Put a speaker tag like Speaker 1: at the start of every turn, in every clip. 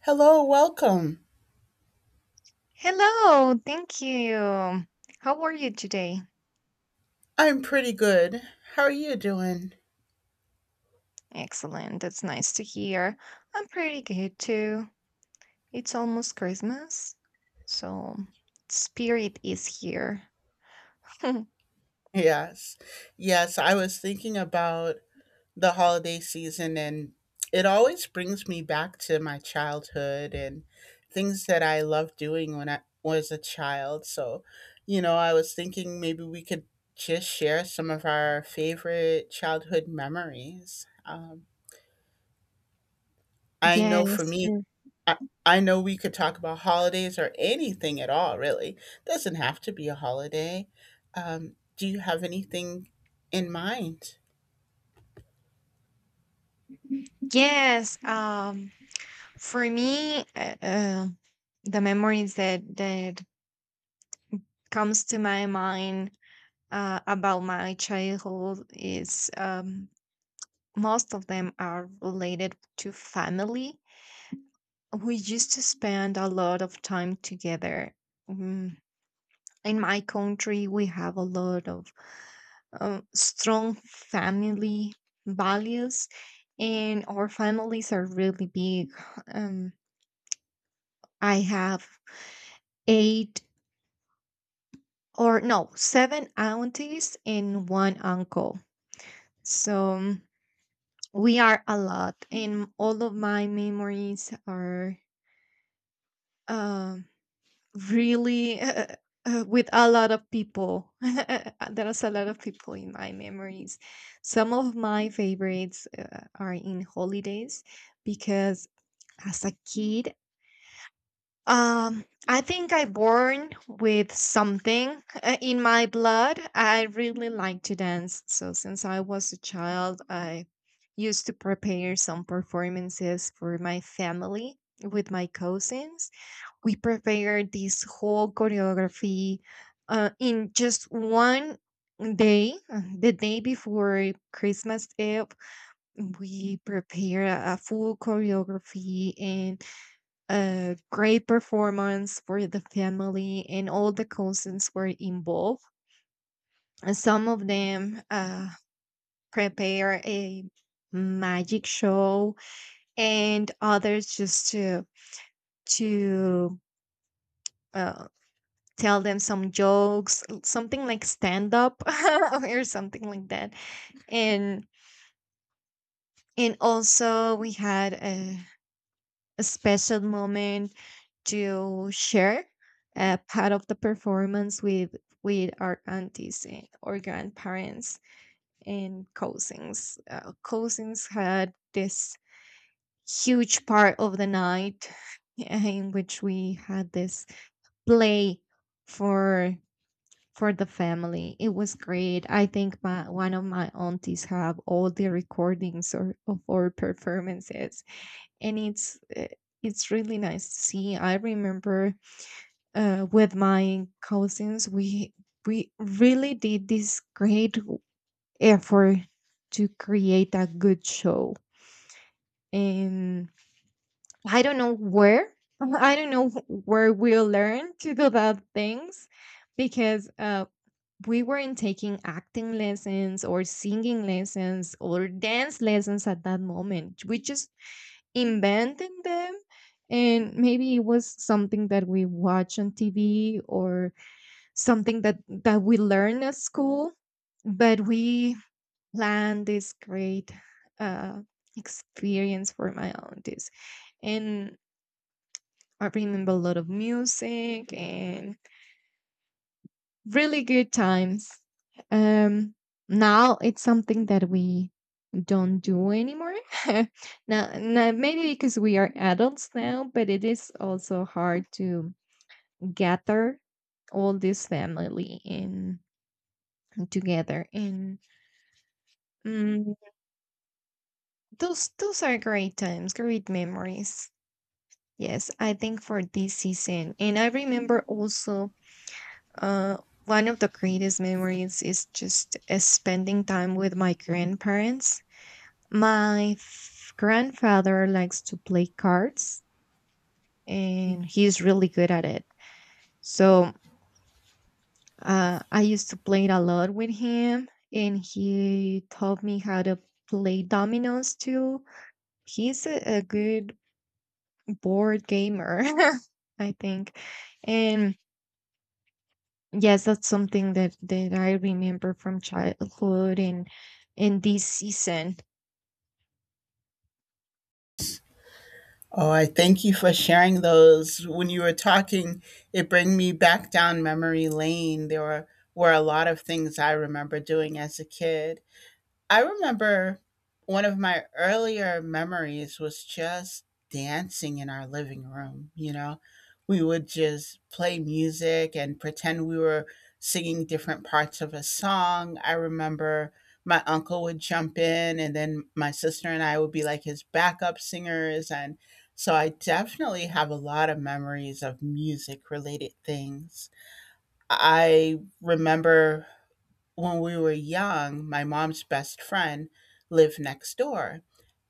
Speaker 1: Hello, welcome.
Speaker 2: Hello, thank you. How are you today?
Speaker 1: I'm pretty good. How are you doing?
Speaker 2: Excellent, that's nice to hear. I'm pretty good too. It's almost Christmas, so spirit is here.
Speaker 1: Yes. Yes, I was thinking about the holiday season, and it always brings me back to my childhood and things that I loved doing when I was a child. So, you know, I was thinking maybe we could just share some of our favorite childhood memories. I know for
Speaker 2: Yes,
Speaker 1: me,
Speaker 2: sure.
Speaker 1: I I know we could talk about holidays or anything at all, really. Doesn't have to be a holiday. Do you have anything in mind?
Speaker 2: Yes, for me, the memories that comes to my mind about my childhood is most of them are related to family. We used to spend a lot of time together. Mm, in my country, we have a lot of strong family values, and our families are really big. Um, I have eight or no, seven aunties and one uncle. So mm, we are a lot, and all of my memories are um really with a lot of people. There's a lot of people in my memories. Some of my favorites are in holidays, because as a kid, I think I born with something in my blood. I really like to dance. So since I was a child, I used to prepare some performances for my family with my cousins. We prepared this whole choreography in just one day, the day before Christmas Eve. We prepared a full choreography and a great performance for the family, and all the cousins were involved. And some of them prepare a magic show, and others just to uh, tell them some jokes, something like stand up or something like that. And and also we had a special moment to share a part of the performance with our aunties and or grandparents and cousins. Cousins had this huge part of the night in which we had this play for for the family. It was great. I think my one of my aunties have all the recordings, or, of our performances, and it's really nice to see. I remember with my cousins, we really did this great effort to create a good show. And I don't know where. I don't know where we learned to do that things, because we weren't taking acting lessons or singing lessons or dance lessons at that moment. We just invented them. And maybe it was something that we watch on TV, or something that, that we learn at school. But we planned this great uh, experience for my aunties. And I remember a lot of music and really good times. Um, now it's something that we don't do anymore. Now, now, maybe because we are adults now, but it is also hard to gather all this family in together. And mm, those are great times, great memories. Yes, I think for this season. And I remember also Uh, one of the greatest memories is just spending time with my grandparents. My grandfather likes to play cards, and he's really good at it. So I used to play it a lot with him, and he taught me how to play dominoes too. He's a good board gamer, I think. And yes, that's something that I remember from childhood and in this season.
Speaker 1: Oh, I thank you for sharing those. When you were talking, it bring me back down memory lane. There were a lot of things I remember doing as a kid. I remember one of my earlier memories was just dancing in our living room, you know? We would just play music and pretend we were singing different parts of a song. I remember my uncle would jump in, and then my sister and I would be like his backup singers. And so I definitely have a lot of memories of music related things. I remember when we were young, my mom's best friend lived next door.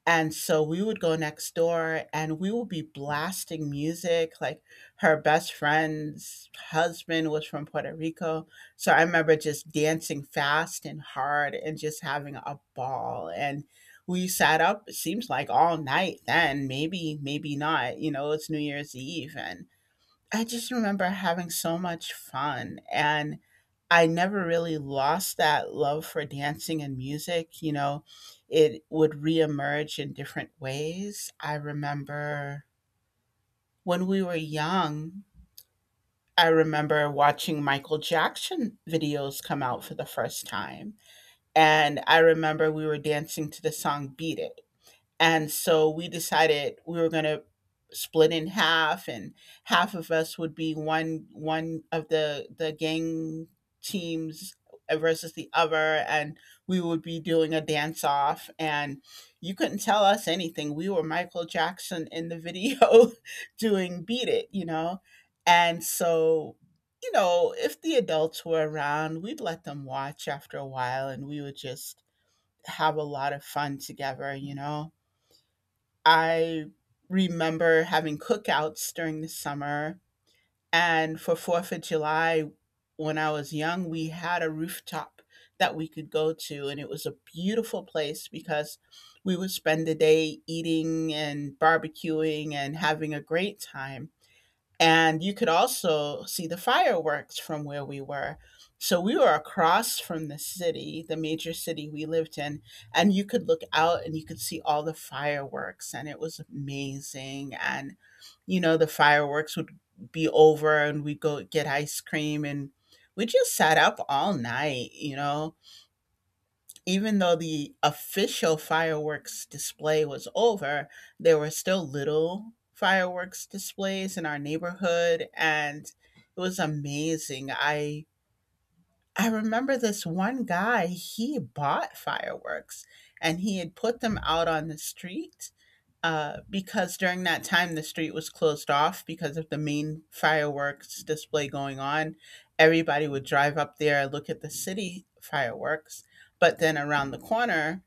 Speaker 1: And so we would go next door and we would be blasting music. Like her best friend's husband was from Puerto Rico. So I remember just dancing fast and hard and just having a ball. And we sat up, it seems like all night then, maybe, maybe not. You know, it's New Year's Eve. And I just remember having so much fun, and I never really lost that love for dancing and music, you know, it would reemerge in different ways. I remember when we were young, I remember watching Michael Jackson videos come out for the first time, and I remember we were dancing to the song "Beat It." And so we decided we were going to split in half, and half of us would be one of the gang teams versus the other, and we would be doing a dance off. And you couldn't tell us anything. We were Michael Jackson in the video doing Beat It, you know. And so, you know, if the adults were around, we'd let them watch after a while, and we would just have a lot of fun together, you know. I remember having cookouts during the summer, and for 4th of July, when I was young, we had a rooftop that we could go to, and it was a beautiful place because we would spend the day eating and barbecuing and having a great time. And you could also see the fireworks from where we were. So we were across from the city, the major city we lived in, and you could look out and you could see all the fireworks, and it was amazing. And, you know, the fireworks would be over and we'd go get ice cream, and we just sat up all night, you know. Even though the official fireworks display was over, there were still little fireworks displays in our neighborhood, and it was amazing. I remember this one guy, he bought fireworks and he had put them out on the street because during that time the street was closed off because of the main fireworks display going on. Everybody would drive up there, look at the city fireworks, but then around the corner,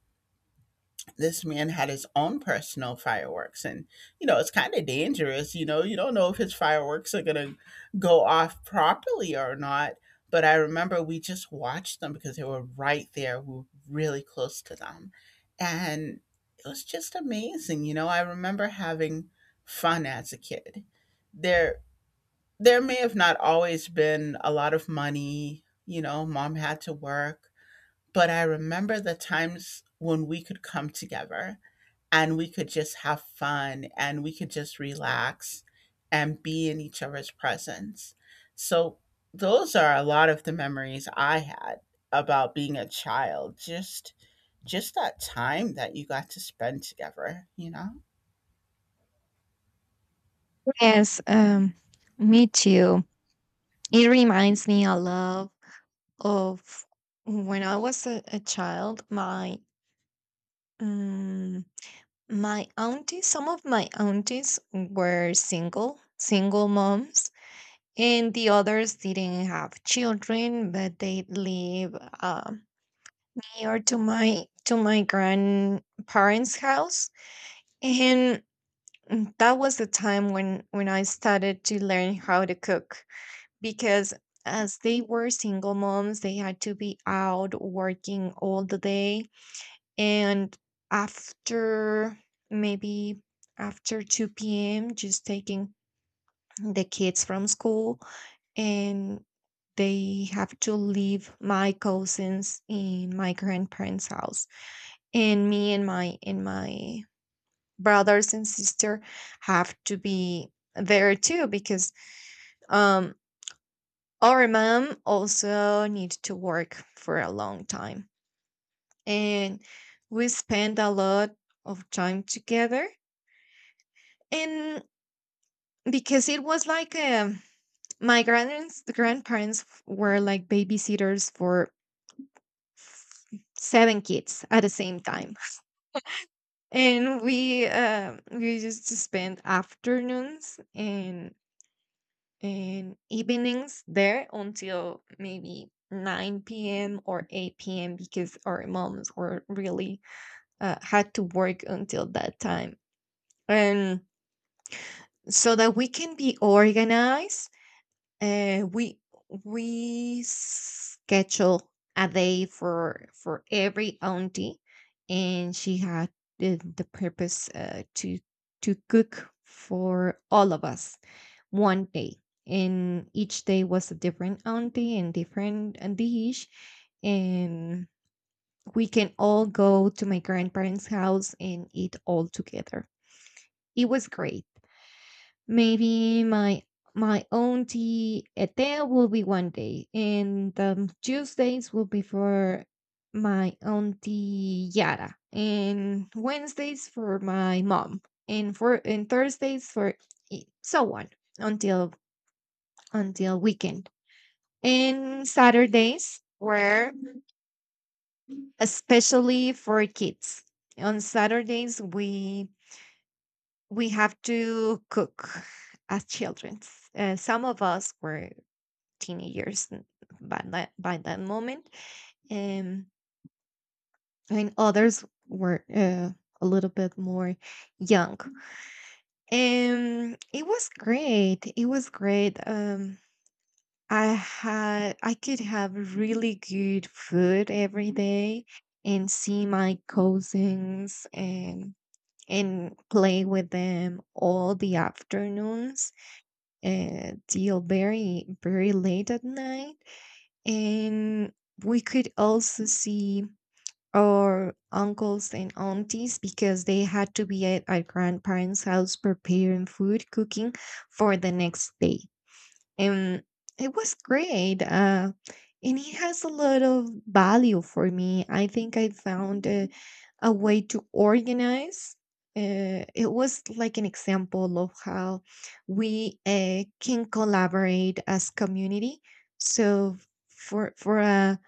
Speaker 1: this man had his own personal fireworks. And you know, it's kind of dangerous, you know, you don't know if his fireworks are going to go off properly or not, but I remember we just watched them because they were right there, we were really close to them. And it was just amazing, you know. I remember having fun as a kid. There there may have not always been a lot of money, you know, mom had to work, but I remember the times when we could come together and we could just have fun and we could just relax and be in each other's presence. So, those are a lot of the memories I had about being a child. Just that time that you got to spend together, you know?
Speaker 2: Yes, me too. It reminds me a lot of when I was a child, my um, my aunties, some of my aunties were single, single moms, and the others didn't have children, but they live um, near to my grandparents' house. And mm, that was the time when I started to learn how to cook, because as they were single moms, they had to be out working all the day. And after maybe after 2 p.m., just taking the kids from school, and they have to leave my cousins in my grandparents' house. And me and my brothers and sister have to be there too, because um our mom also need to work for a long time. And we spend a lot of time together. And because it was like my grandparents, the grandparents were like babysitters for f- seven kids at the same time. And we, we used to spend afternoons and evenings there until maybe 9 p.m. or 8 p.m., because our moms were really, had to work until that time. And so that we can be organized, uh, we we schedule a day for every auntie, and she had the purpose to cook for all of us one day. And each day was a different auntie and different dish. And we can all go to my grandparents house and eat all together. It was great. Maybe my auntie Ethel will be one day, and Tuesdays will be for my auntie Yara, and Wednesdays for my mom, and Thursdays for, so on, until until weekend. And Saturdays were especially for kids. On Saturdays, we have to cook as children. Some of us were teenagers by that moment, um, and others were a little bit more young. It was great. It was great. I could have really good food every day and see my cousins, and play with them all the afternoons till very very late at night. And we could also see our uncles and aunties, because they had to be at our grandparents' house preparing food, cooking for the next day. And it was great. And it has a lot of value for me. I think I found a way to organize. It was like an example of how we can collaborate as community. So for a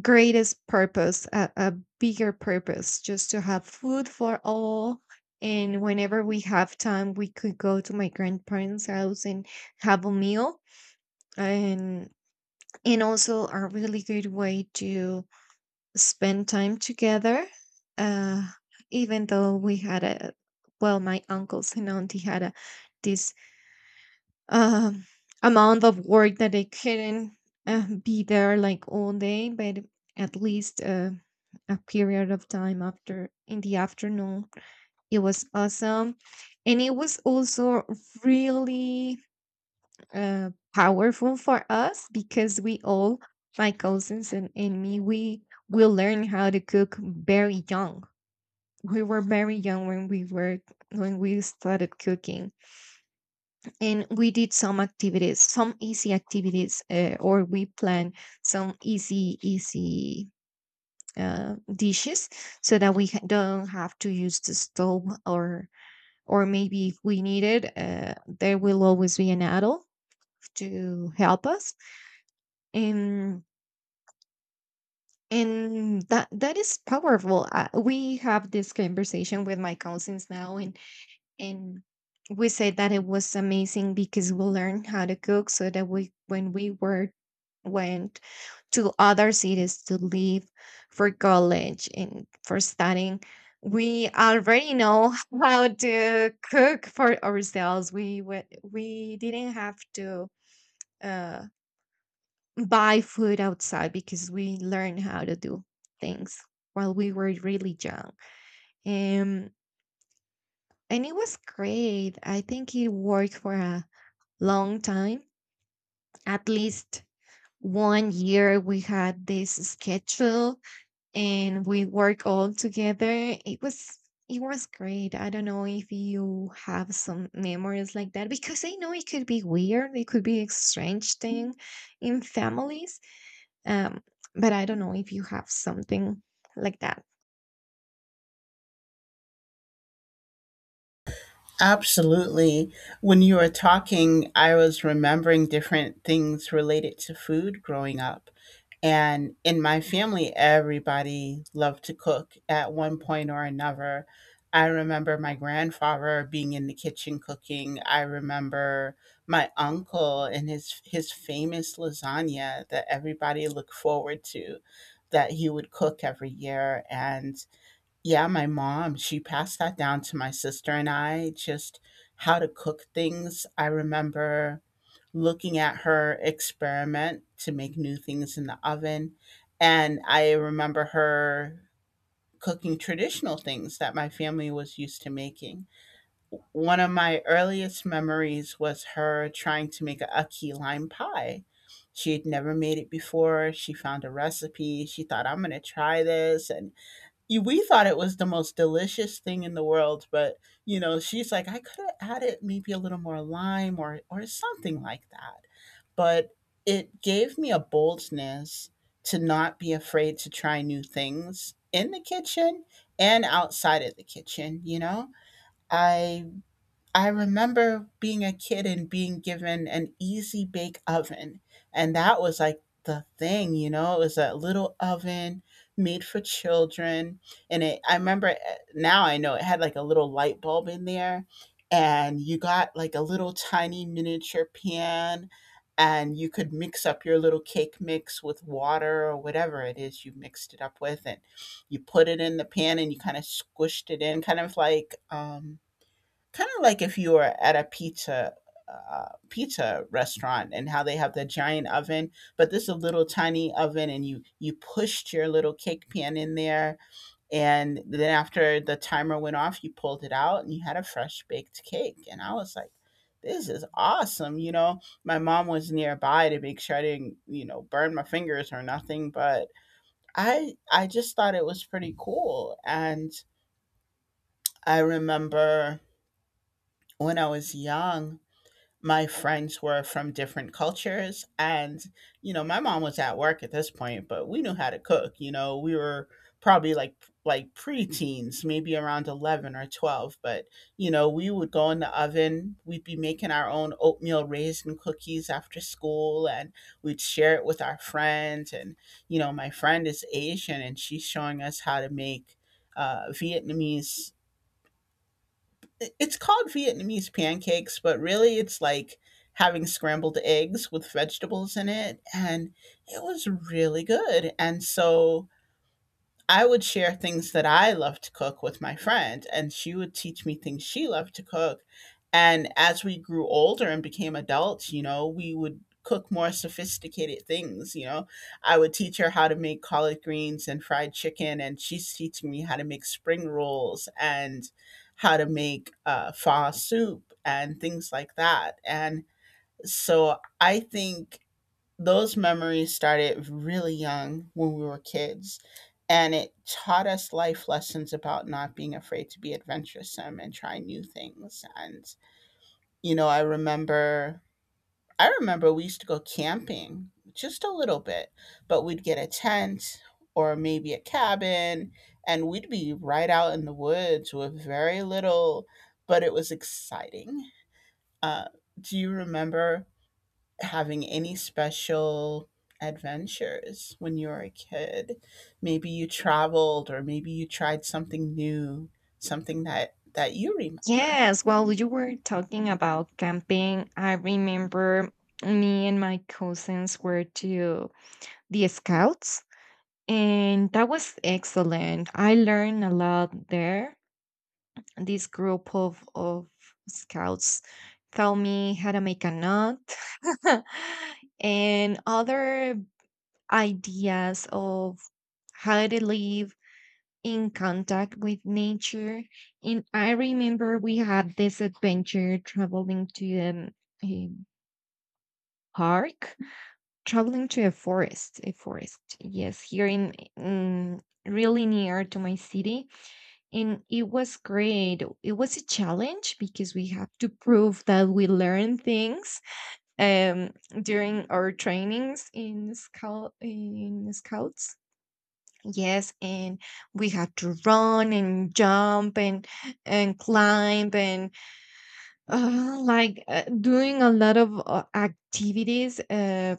Speaker 2: greatest purpose, a bigger purpose, just to have food for all. And whenever we have time, we could go to my grandparents' house and have a meal. and and also a really good way to spend time together, uh even though we had a, well, my uncles and auntie had a this um amount of work that they couldn't be there like all day, but at least a period of time after in the afternoon. It was awesome. And it was also really powerful for us, because we all, my cousins and me, we learn how to cook very young. We were very young when we were when we started cooking. And we did some activities, some easy activities, or we plan some easy dishes, so that we don't have to use the stove, or maybe if we need it, there will always be an adult to help us. And and that is powerful. We have this conversation with my cousins now, and we said that it was amazing, because we learned how to cook so that we when we were went to other cities to live for college and for studying, we already know how to cook for ourselves. We didn't have to uh buy food outside, because we learned how to do things while we were really young. Um, and it was great. I think it worked for a long time. At least one year, we had this schedule and we work all together. It was great. I don't know if you have some memories like that, because I know it could be weird. It could be a strange thing in families. Um, but I don't know if you have something like that.
Speaker 1: Absolutely. When you were talking, I was remembering different things related to food growing up. And in my family, everybody loved to cook at one point or another. I remember my grandfather being in the kitchen cooking. I remember my uncle and his famous lasagna that everybody looked forward to, that he would cook every year. And yeah, my mom, she passed that down to my sister and I just how to cook things. I remember looking at her experiment to make new things in the oven. And I remember her cooking traditional things that my family was used to making. One of my earliest memories was her trying to make a key lime pie. She had never made it before. She found a recipe. She thought, I'm going to try this. And we thought it was the most delicious thing in the world, but you know, she's like, I could have added maybe a little more lime or something like that. But it gave me a boldness to not be afraid to try new things in the kitchen and outside of the kitchen, you know? I I remember being a kid and being given an easy bake oven. And that was like the thing, you know, it was a little oven made for children. And it, I remember now I know it had like a little light bulb in there. And you got like a little tiny miniature pan. And you could mix up your little cake mix with water or whatever it is you mixed it up with. And you put it in the pan and you kind of squished it in, kind of like if you were at a pizza pizza restaurant and how they have the giant oven, but this is a little tiny oven, and you pushed your little cake pan in there, and then after the timer went off, you pulled it out and you had a fresh baked cake, and I was like. This is awesome, you know. My mom was nearby to make sure I didn't, you know, burn my fingers or nothing, but I just thought it was pretty cool. And I remember when I was young, my friends were from different cultures. And you know, my mom was at work at this point, but we knew how to cook, you know. We were probably like pre-teens, maybe around 11 or 12. But you know, we would go in the oven, we'd be making our own oatmeal raisin cookies after school, and we'd share it with our friends. And you know, my friend is Asian and she's showing us how to make Vietnamese it's called Vietnamese pancakes, but really it's like having scrambled eggs with vegetables in it. And it was really good. And so I would share things that I love to cook with my friend, and she would teach me things she loved to cook. And as we grew older and became adults, you know, we would cook more sophisticated things. You know, I would teach her how to make collard greens and fried chicken, and she's teaching me how to make spring rolls and how to make pho soup and things like that. And so I think those memories started really young when we were kids, and it taught us life lessons about not being afraid to be adventuresome and try new things. And you know, I remember we used to go camping just a little bit, but we'd get a tent or maybe a cabin, and we'd be right out in the woods with very little, but it was exciting. Uh, do you remember having any special adventures when you were a kid? Maybe you traveled or maybe you tried something new, something that that you remember.
Speaker 2: Yes, while you were talking about camping, I remember me and my cousins were to the scouts, and that was excellent. I learned a lot there. This group of scouts taught me how to make a knot and other ideas of how to live in contact with nature. And I remember we had this adventure, traveling to a park, traveling to a forest, yes, here in really near to my city. And it was great. It was a challenge, because we have to prove that we learn things um, during our trainings in scouts. Yes, and we had to run and jump and climb, and doing a lot of activities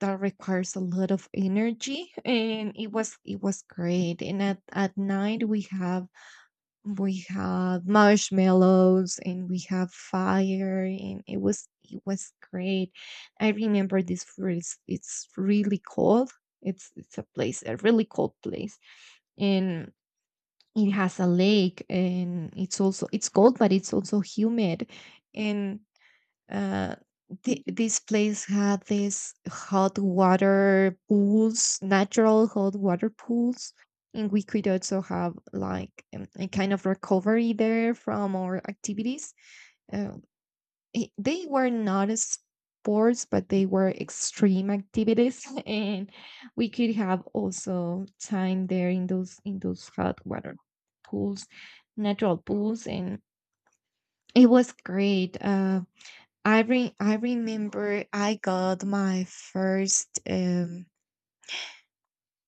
Speaker 2: that requires a lot of energy. And it was great. And at night we had marshmallows and we had fire, and it was great. I remember this place, it's really cold. It's a place, a really cold place. And it has a lake, and it's also, it's cold, but it's also humid. And uh, the, this place had these hot water pools, natural hot water pools. And we could also have like a kind of recovery there from our activities. Uh, they were not as sports, but they were extreme activities, and we could have also time there in those hot water pools, natural pools. And it was great. I remember I got my first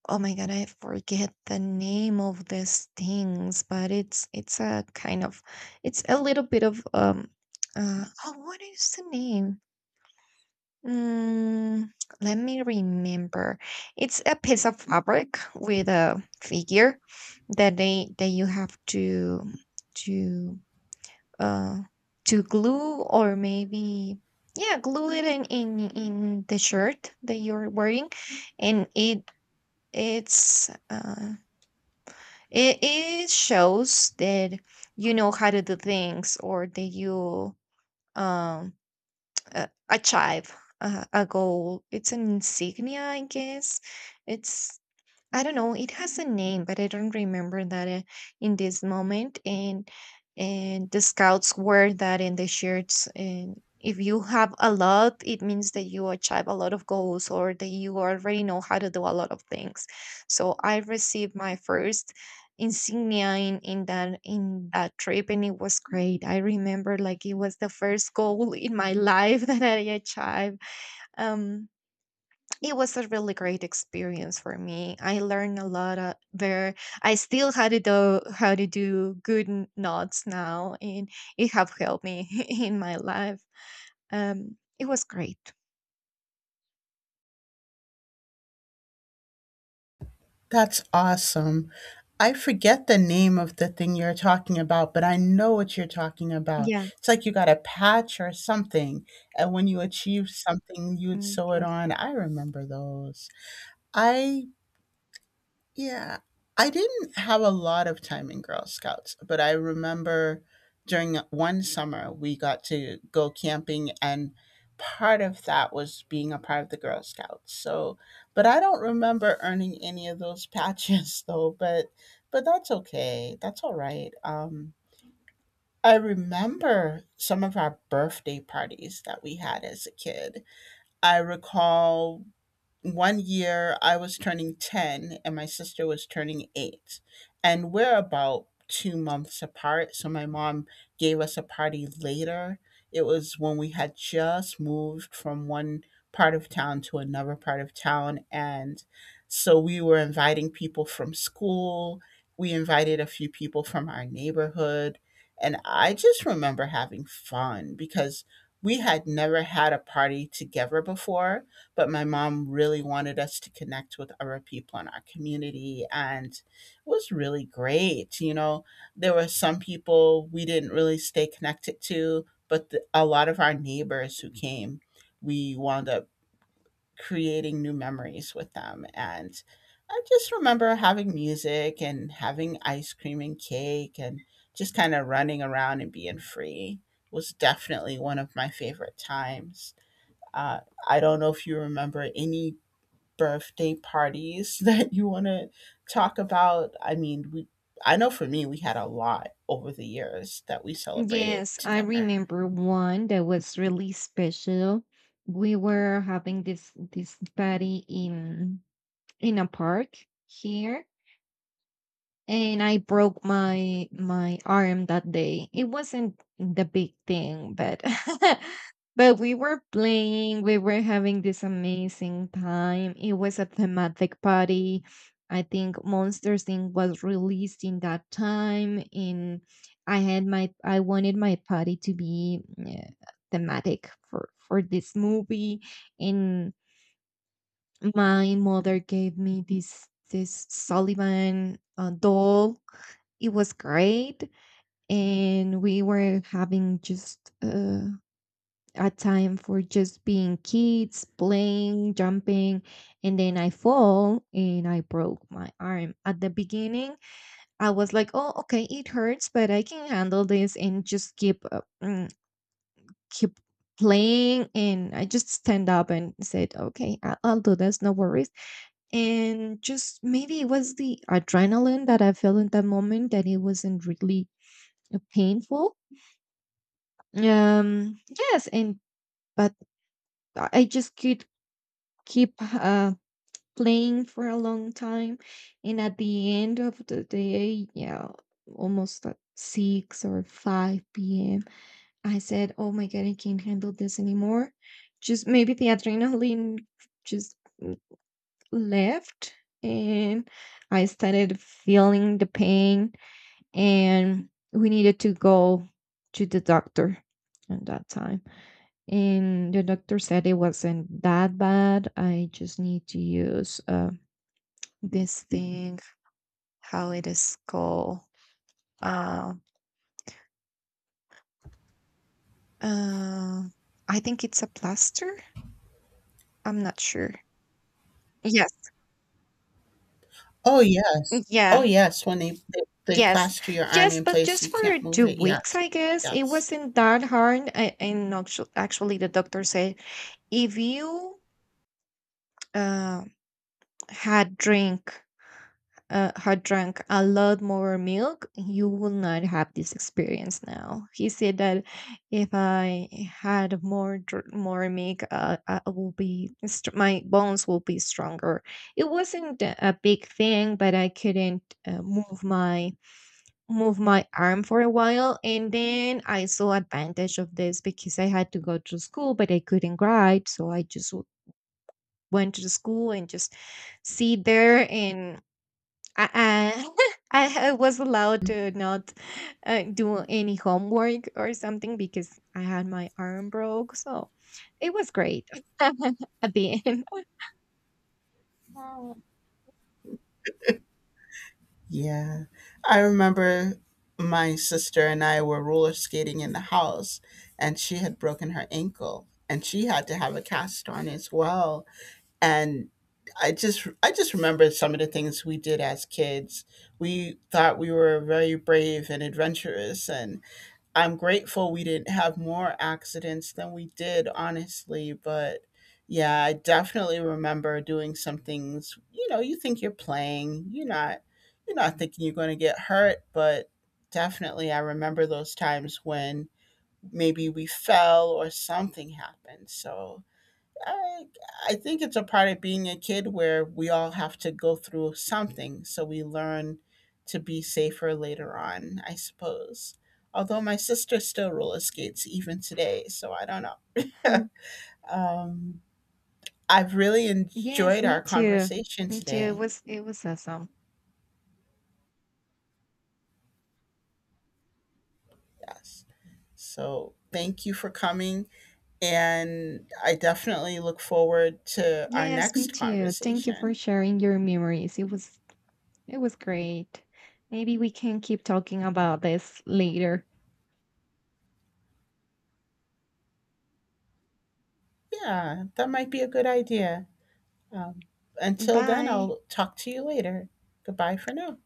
Speaker 2: oh my god, I forget the name of these things, but it's a kind of it's a little bit of oh, what is the name? Mm, let me remember. It's a piece of fabric with a figure that they that you have to to uh, to glue, or maybe yeah, glue it in, in the shirt that you're wearing, and it's uh, it shows that you know how to do things, or that you um achieve a goal. It's an insignia, I guess. It's, I don't know. It has a name, but I don't remember that in this moment. And the scouts wear that in the shirts. And if you have a lot, it means that you achieve a lot of goals, or that you already know how to do a lot of things. So I received my first insignia in that in that trip, and it was great. I remember, like, it was the first goal in my life that I achieved. Um it was a really great experience for me. I learned a lot there. I still how to do good knots now, and it have helped me in my life. It was great.
Speaker 1: That's awesome. I forget the name of the thing you're talking about, but I know what you're talking about.
Speaker 2: Yeah.
Speaker 1: It's like you got a patch or something, and when you achieve something, you would
Speaker 2: Mm,
Speaker 1: sew it
Speaker 2: yes.
Speaker 1: on. I remember those. I Yeah. I didn't have a lot of time in Girl Scouts, but I remember during one summer we got to go camping, and part of that was being a part of the Girl Scouts. So, but I don't remember earning any of those patches though, but that's okay. That's all right. I remember some of our birthday parties that we had as a kid. I recall one year I was turning 10 and my sister was turning 8. And we're about two months apart. So my mom gave us a party later. It was when we had just moved from one part of town to another part of town. And so we were inviting people from school. We invited a few people from our neighborhood. And I just remember having fun because we had never had a party together before, but my mom really wanted us to connect with other people in our community. And it was really great, you know. There were some people we didn't really stay connected to, but the, a lot of our neighbors who came, we wound up creating new memories with them. And I just remember having music and having ice cream and cake and just kind of running around and being free was definitely one of my favorite times. uh, I don't know if you remember any birthday parties that you want to talk about? I mean, we I know for me we had a lot over the years that we celebrated
Speaker 2: Yes, I
Speaker 1: together.
Speaker 2: remember one that was really special. We were having this party in a park here, and I broke my arm that day. It wasn't the big thing, but but we were playing, we were having this amazing time. It was a thematic party. I think Monsters Inc. was released in that time, and I had my, I wanted my party to be thematic for this movie, and my mother gave me this Sullivan doll. It was great, and we were having just a time for just being kids, playing, jumping, and then I fall and I broke my arm. At the beginning, I was like, "Oh, okay, it hurts, but I can handle this," and just keep keep playing, and I just stand up and said, okay, I'll do this, no worries. And just maybe it was the adrenaline that I felt in that moment, that it wasn't really painful. Yes, and but I just could keep playing for a long time, and at the end of the day, yeah, almost at six or five p.m., I said, "Oh my god, I can't handle this anymore." Just maybe the adrenaline just left, and I started feeling the pain, and we needed to go to the doctor at that time. And the doctor said it wasn't that bad. I just need to use this thing, how it is called. Uh, uh, I think it's a plaster. I'm not sure. Yes.
Speaker 1: Oh yes. Oh
Speaker 2: Yeah.
Speaker 1: yes, when they they
Speaker 2: Yes,
Speaker 1: plaster your arm
Speaker 2: yes,
Speaker 1: in
Speaker 2: but
Speaker 1: place so
Speaker 2: just
Speaker 1: you
Speaker 2: for
Speaker 1: can't move
Speaker 2: two
Speaker 1: it.
Speaker 2: weeks,
Speaker 1: Yes.
Speaker 2: I guess it
Speaker 1: Yes.
Speaker 2: wasn't that hard. Actually, the doctor said, if you uh, had drink had drank a lot more milk, you will not have this experience now. He said that if I had more milk, I will be my bones will be stronger. It wasn't a big thing, but I couldn't move my arm for a while, and then I saw advantage of this because I had to go to school, but I couldn't write, so I just went to the school and just sit there, and I was allowed to not do any homework or something because I had my arm broke. So it was great at the end.
Speaker 1: Oh. Yeah. I remember my sister and I were roller skating in the house and she had broken her ankle and she had to have a cast on as well. And I just remember some of the things we did as kids. We thought we were very brave and adventurous, and I'm grateful we didn't have more accidents than we did, honestly. But yeah, I definitely remember doing some things, you know, you think you're playing, you're not thinking you're going to get hurt. But definitely I remember those times when maybe we fell or something happened. So I I think it's a part of being a kid where we all have to go through something so we learn to be safer later on, I suppose. Although my sister still roller skates even today, so I don't know.
Speaker 2: Uh,
Speaker 1: um, I've really
Speaker 2: Yes,
Speaker 1: enjoyed our
Speaker 2: me too.
Speaker 1: conversation
Speaker 2: Me too. It
Speaker 1: today.
Speaker 2: was, it was awesome.
Speaker 1: Yes. So thank you for coming. And I definitely look forward to our
Speaker 2: Yes, me
Speaker 1: next
Speaker 2: too. Thank you for
Speaker 1: conversation.
Speaker 2: sharing your memories. It was, it was great. Maybe we can keep talking about this later.
Speaker 1: Yeah, that might be a good idea. Um, until then,
Speaker 2: Bye.
Speaker 1: I'll talk to you later. Goodbye for now.